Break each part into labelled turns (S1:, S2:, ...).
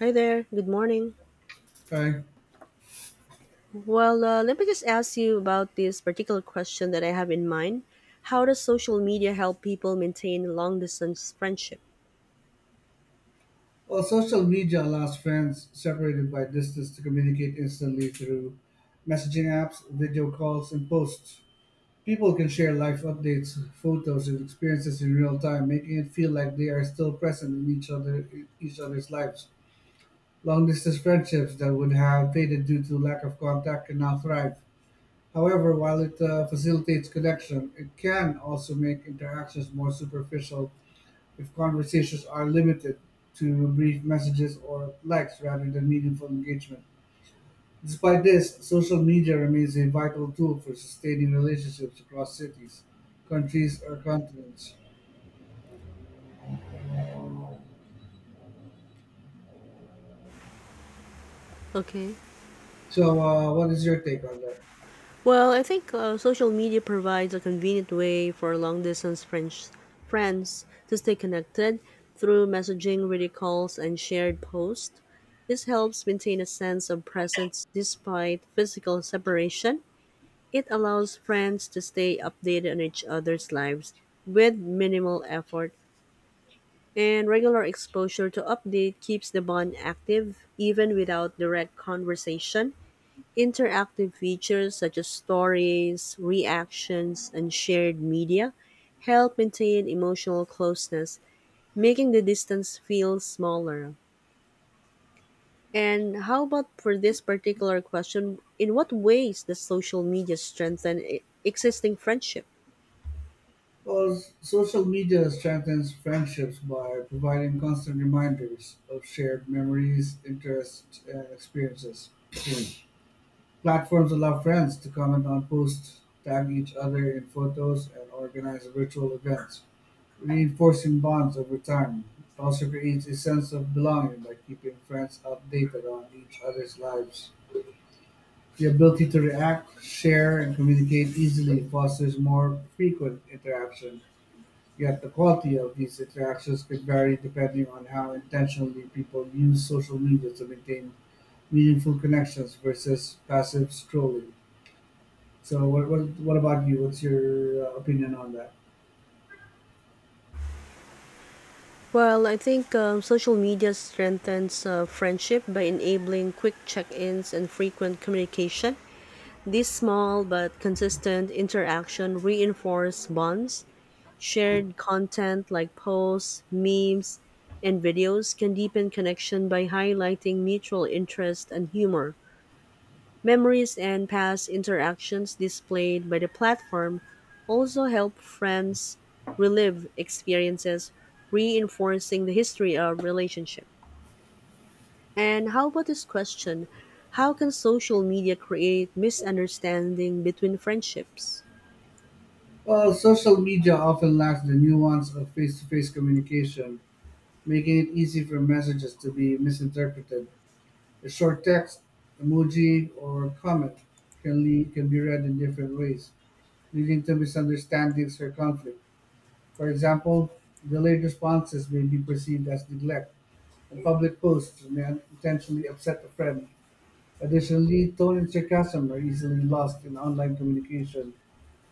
S1: Hi there. Good morning.
S2: Right.
S1: Let me just ask you about this particular question that I have in mind. How does social media help people maintain long distance friendship?
S2: Well, social media allows friends separated by distance to communicate instantly through messaging apps, video calls, and posts. People can share life updates, photos, and experiences in real time, making it feel like they are still present in each other's lives. Long distance friendships that would have faded due to lack of contact can now thrive. However, while it facilitates connection, it can also make interactions more superficial if conversations are limited to brief messages or likes rather than meaningful engagement. Despite this, social media remains a vital tool for sustaining relationships across cities, countries, or continents.
S1: Okay.
S2: So, what is your take on that?
S1: Well, I think social media provides a convenient way for long distance friends to stay connected through messaging, video calls, and shared posts. This helps maintain a sense of presence despite physical separation. It allows friends to stay updated on each other's lives with minimal effort, and regular exposure to update keeps the bond active even without direct conversation. Interactive features such as stories, reactions, and shared media help maintain emotional closeness, making the distance feel smaller. And how about for this particular question, in what ways does social media strengthen existing friendship?
S2: Well, social media strengthens friendships by providing constant reminders of shared memories, interests, and experiences. Hmm. Platforms allow friends to comment on posts, tag each other in photos, and organize virtual events, reinforcing bonds over time. It also creates a sense of belonging by keeping friends updated on each other's lives. The ability to react, share, and communicate easily fosters more frequent interaction. Yet the quality of these interactions can vary depending on how intentionally people use social media to maintain meaningful connections versus passive scrolling. So, what about you? What's your opinion on that?
S1: Well, I think social media strengthens friendship by enabling quick check ins and frequent communication. These small but consistent interaction reinforce bonds. Shared content like posts, memes, and videos can deepen connection by highlighting mutual interest and humor. Memories and past interactions displayed by the platform also help friends relive experiences, reinforcing the history of relationship. And how about this question? How can social media create misunderstanding between friendships?
S2: Well, social media often lacks the nuance of face to face communication, making it easy for messages to be misinterpreted. A short text, emoji, or comment can be read in different ways, leading to misunderstandings or conflict. For example, delayed responses may be perceived as neglect, and public posts may intentionally upset a friend. Additionally, tone and sarcasm are easily lost in online communication.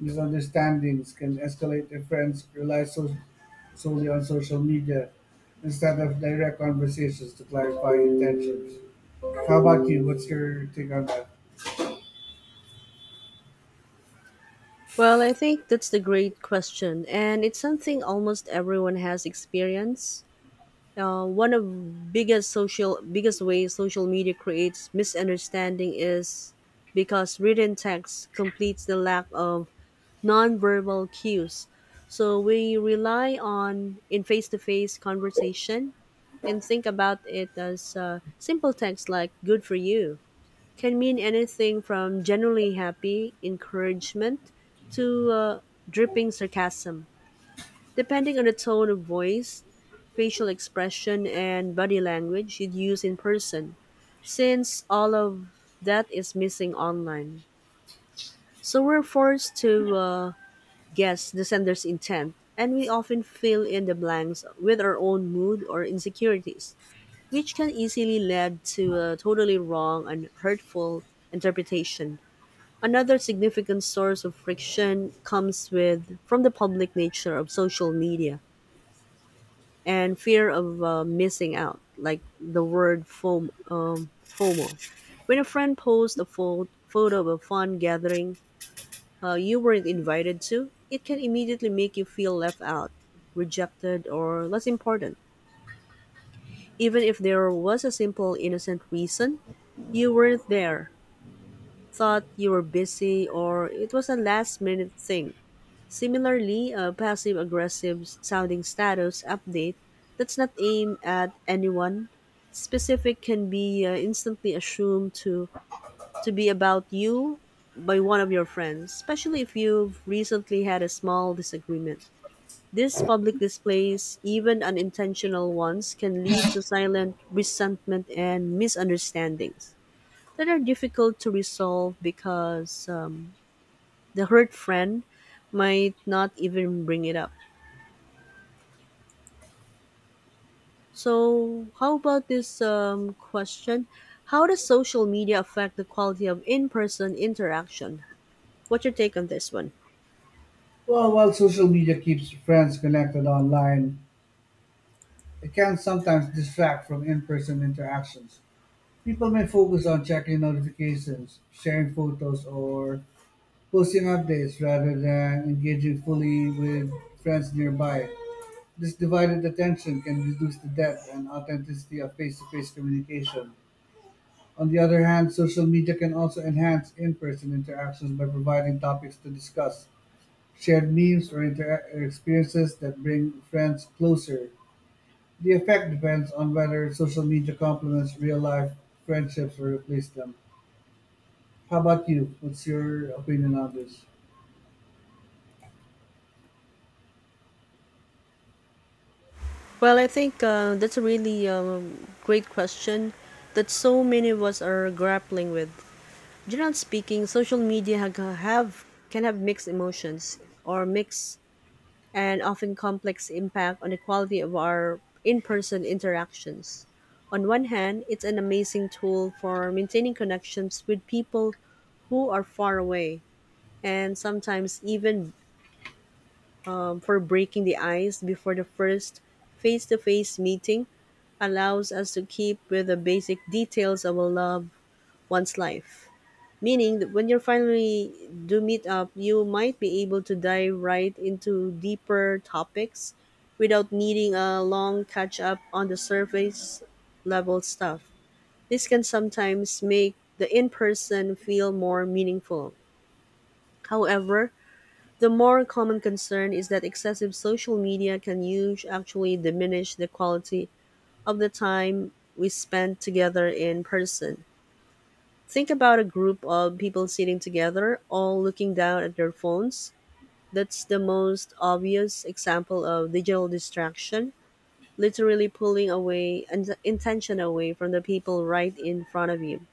S2: Misunderstandings can escalate if friends rely solely on social media instead of direct conversations to clarify intentions. How about you? What's your take on that?
S1: Well, I think that's the great question, and it's something almost everyone has experienced. One of biggest ways social media creates misunderstanding is because written text completes the lack of nonverbal cues. So we rely on in face-to-face conversation and think about it as simple text like "good for you" can mean anything from generally happy encouragement to uh, dripping sarcasm. Depending on the tone of voice, facial expression, and body language you'd use in person, since all of that is missing online. So we're forced to guess the sender's intent, and we often fill in the blanks with our own mood or insecurities, which can easily lead to a totally wrong and hurtful interpretation. Another significant source of friction comes with from the public nature of social media and fear of missing out, like the word FOMO. When a friend posts a photo of a fun gathering you weren't invited to, it can immediately make you feel left out, rejected, or less important. Even if there was a simple, innocent reason, you weren't there, thought you were busy, or it was a last minute thing. Similarly, a passive aggressive sounding status update that's not aimed at anyone specific can be instantly to be about you by one of your friends, especially if you've recently had a small disagreement. These public displays, even unintentional ones, can lead to silent resentment and misunderstandings that are difficult to resolve because the hurt friend might not even bring it up. So, how about this question? How does social media affect the quality of in person interaction? What's your take on this one?
S2: Well, while social media keeps friends connected online, it can sometimes distract from in person interactions. People may focus on checking notifications, sharing photos, or posting updates rather than engaging fully with friends nearby. This divided attention can reduce the depth and authenticity of face-to-face communication. On the other hand, social media can also enhance in-person interactions by providing topics to discuss, shared memes or experiences that bring friends closer. The effect depends on whether social media complements real-life friendships or replace them. How about you? What's your opinion on this?
S1: Well, I think that's a really great question that so many of us are grappling with. Generally speaking, social media ha- have can have mixed emotions or mixed and often complex impact on the quality of our in person interactions. On one hand, it's an amazing tool for maintaining connections with people who are far away, and sometimes even for breaking the ice before the first face to face meeting allows us to keep with the basic details of a loved one's life meaning that when you finally do meet up, you might be able to dive right into deeper topics without needing a long catch up on the surface level stuff. This can sometimes make the in person feel more meaningful. However, the more common concern is that excessive social media can use actually diminish the quality of the time we spend together in person. Think about a group of people sitting together, all looking down at their phones. That's the most obvious example of digital distraction, literally pulling away and intention away from the people right in front of you.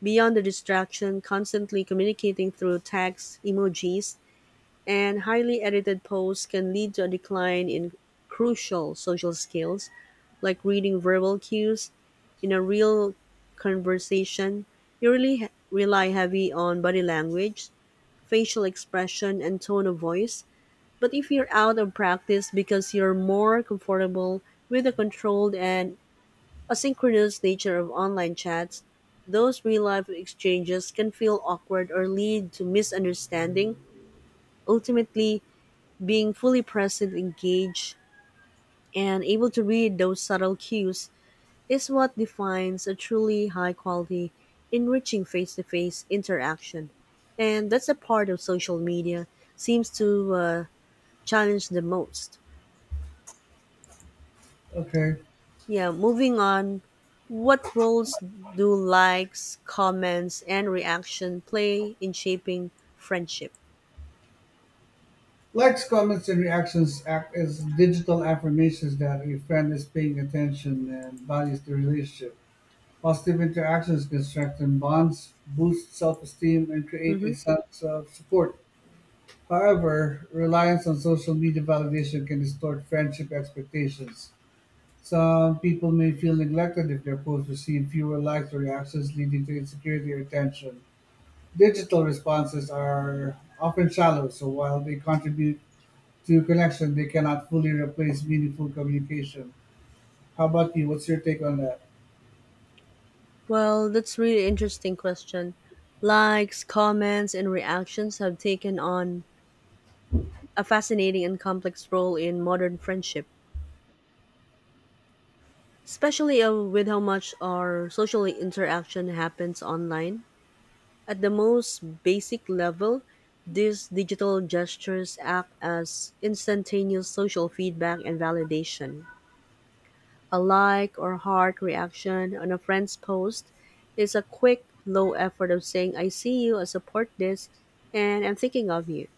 S1: Beyond the distraction, constantly communicating through text, emojis, and highly edited posts can lead to a decline in crucial social skills like reading verbal cues in a real conversation, you really rely heavy on body language, facial expression, and tone of voice. But if you're out of practice because you're more comfortable with the controlled and asynchronous nature of online chats, those real life exchanges can feel awkward or lead to misunderstanding. Ultimately, being fully present, engaged, and able to read those subtle cues is what defines a truly high quality, enriching face to face interaction. And that's a part of social media seems to challenge the most.
S2: Okay.
S1: Yeah, moving on. What roles do likes, comments, and reaction play in shaping friendship?
S2: Likes, comments, and reactions act as digital affirmations that a friend is paying attention and values the relationship. Positive interactions can strengthen bonds, boost self esteem, and create a
S1: Mm-hmm.
S2: sense of support. However, reliance on social media validation can distort friendship expectations. Some people may feel neglected if their posts receive fewer likes or reactions, leading to insecurity or tension. Digital responses are often shallow, so while they contribute through connection, they cannot fully replace meaningful communication. How about you? What's your take on that?
S1: Well, that's really interesting question. Likes, comments, and reactions have taken on a fascinating and complex role in modern friendship. Especially with how much our social interaction happens online. At the most basic level, these digital gestures act as instantaneous social feedback and validation. A like or heart reaction on a friend's post is a quick, low effort of saying, I see you, I support this, and I'm thinking of you.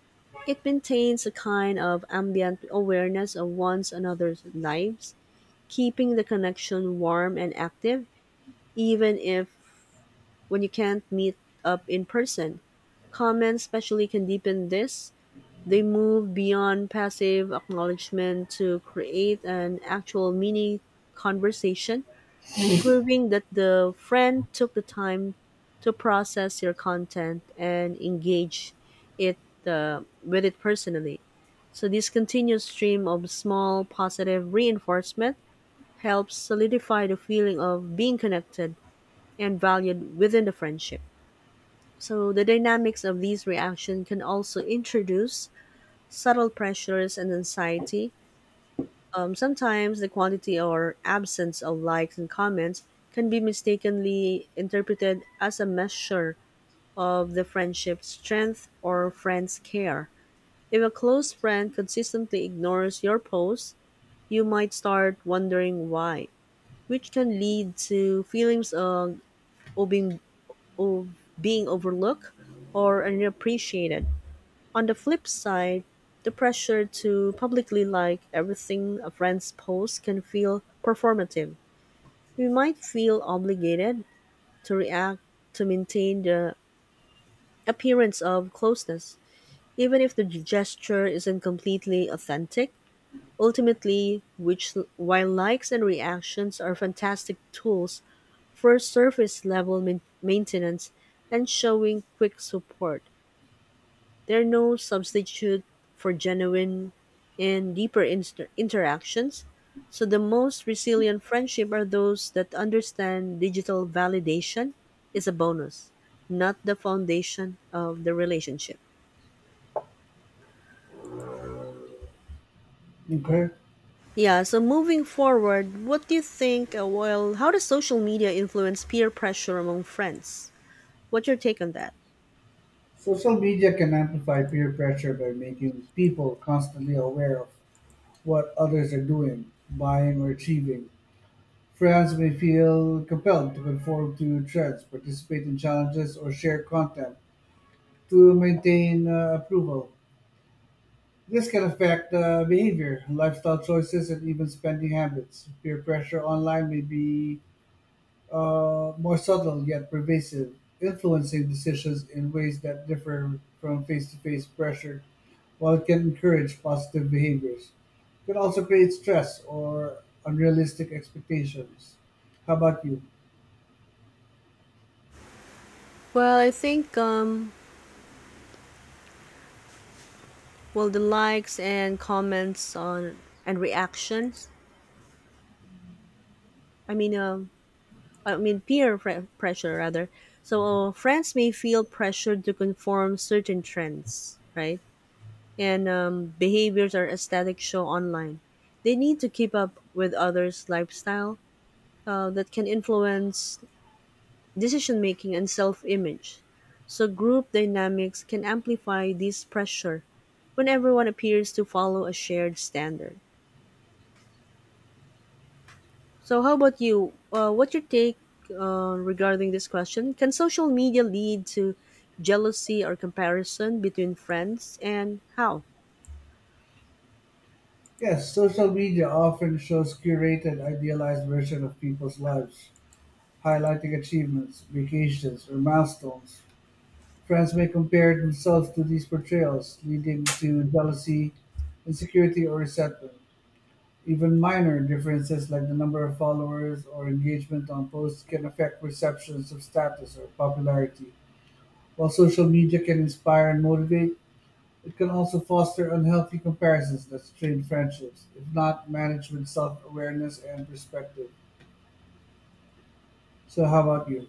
S1: It maintains a kind of ambient awareness of one's another's lives, keeping the connection warm and active even if when you can't meet up in person. Comments especially can deepen this. They move beyond passive acknowledgement to create an actual mini conversation, proving that the friend took the time to process your content and engage it with it personally. So this continuous stream of small positive reinforcement helps solidify the feeling of being connected and valued within the friendship. So the dynamics of these reactions can also introduce subtle pressures and anxiety. Sometimes the quantity or absence of likes and comments can be mistakenly interpreted as a measure of the friendship's strength or friend's care. If a close friend consistently ignores your post, you might start wondering why, which can lead to feelings of, of, being, of being overlooked or unappreciated. On the flip side, the pressure to publicly like everything a friend posts can feel performative. We might feel obligated to react to maintain the appearance of closeness, even if the gesture isn't completely authentic. Ultimately, which while likes and reactions are fantastic tools for surface level maintenance and showing quick support, they're no substitute for genuine and deeper interactions. So, the most resilient friendship are those that understand digital validation is a bonus, not the foundation of the relationship.
S2: Okay.
S1: Yeah, so moving forward, what do you think? Well, how does social media influence peer pressure among friends? What's your take on that?
S2: Social media can amplify peer pressure by making people constantly aware of what others are doing, buying, or achieving. Friends may feel compelled to conform to trends, participate in challenges, or share content to maintain approval. This can affect behavior, lifestyle choices, and even spending habits. Peer pressure online may be more subtle yet pervasive, influencing decisions in ways that differ from face to face pressure. While it can encourage positive behaviors, it can also create stress or unrealistic expectations. How about you?
S1: Well, I think well the likes and comments on and reactions. I mean, um I mean pressure rather. So friends may feel pressured to conform certain trends, right? And behaviors or aesthetic show online. They need to keep up with others' lifestyle that can influence decision making and self image. So group dynamics can amplify this pressure when everyone appears to follow a shared standard. So, how about you? What's your take regarding this question? Can social media lead to jealousy or comparison between friends, and how?
S2: Yes, social media often shows curated, idealized version of people's lives, highlighting achievements, vacations, or milestones. Friends may compare themselves to these portrayals, leading to jealousy, insecurity, or resentment. Even minor differences like the number of followers or engagement on posts can affect perceptions of status or popularity. While social media can inspire and motivate, it can also foster unhealthy comparisons that strain friendships, if not managed with self awareness and perspective. So, how about you?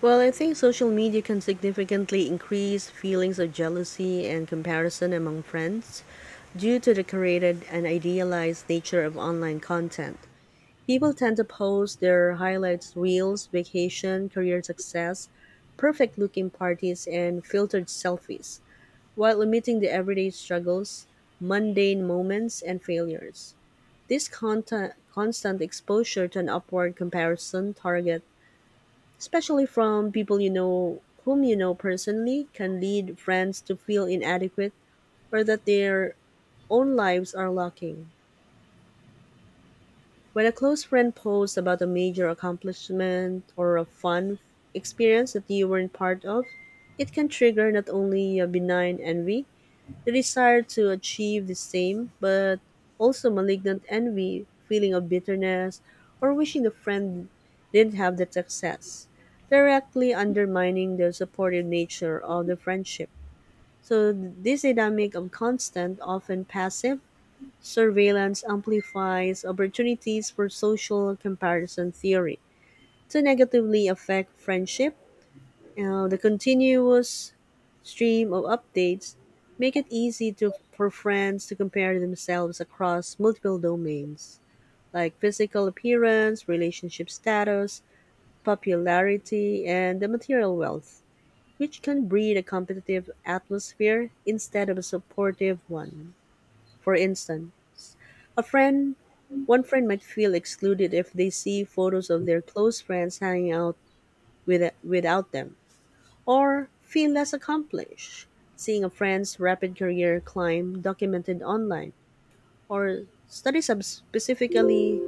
S1: Well, I think social media can significantly increase feelings of jealousy and comparison among friends due to the created and idealized nature of online content. People tend to post their highlights, reels, vacation, career success, perfect looking parties, and filtered selfies while omitting the everyday struggles, mundane moments, and failures. This constant exposure to an upward comparison target, especially from people whom you know personally, can lead friends to feel inadequate or that their own lives are lacking. When a close friend posts about a major accomplishment or a fun experience that you weren't part of, it can trigger not only a benign envy. The desire to achieve the same, but also malignant envy, feeling of bitterness, or wishing the friend didn't have that success, directly undermining the supportive nature of the friendship. So this dynamic of constant, often passive, surveillance amplifies opportunities for social comparison theory to negatively affect friendship. The continuous stream of updates make it easy for friends to compare themselves across multiple domains like physical appearance, relationship status, popularity, and the material wealth, which can breed a competitive atmosphere instead of a supportive one. For instance, a friend one friend might feel excluded if they see photos of their close friends hanging out without them or feel less accomplished, seeing a friend's rapid career climb documented online, or studies have specifically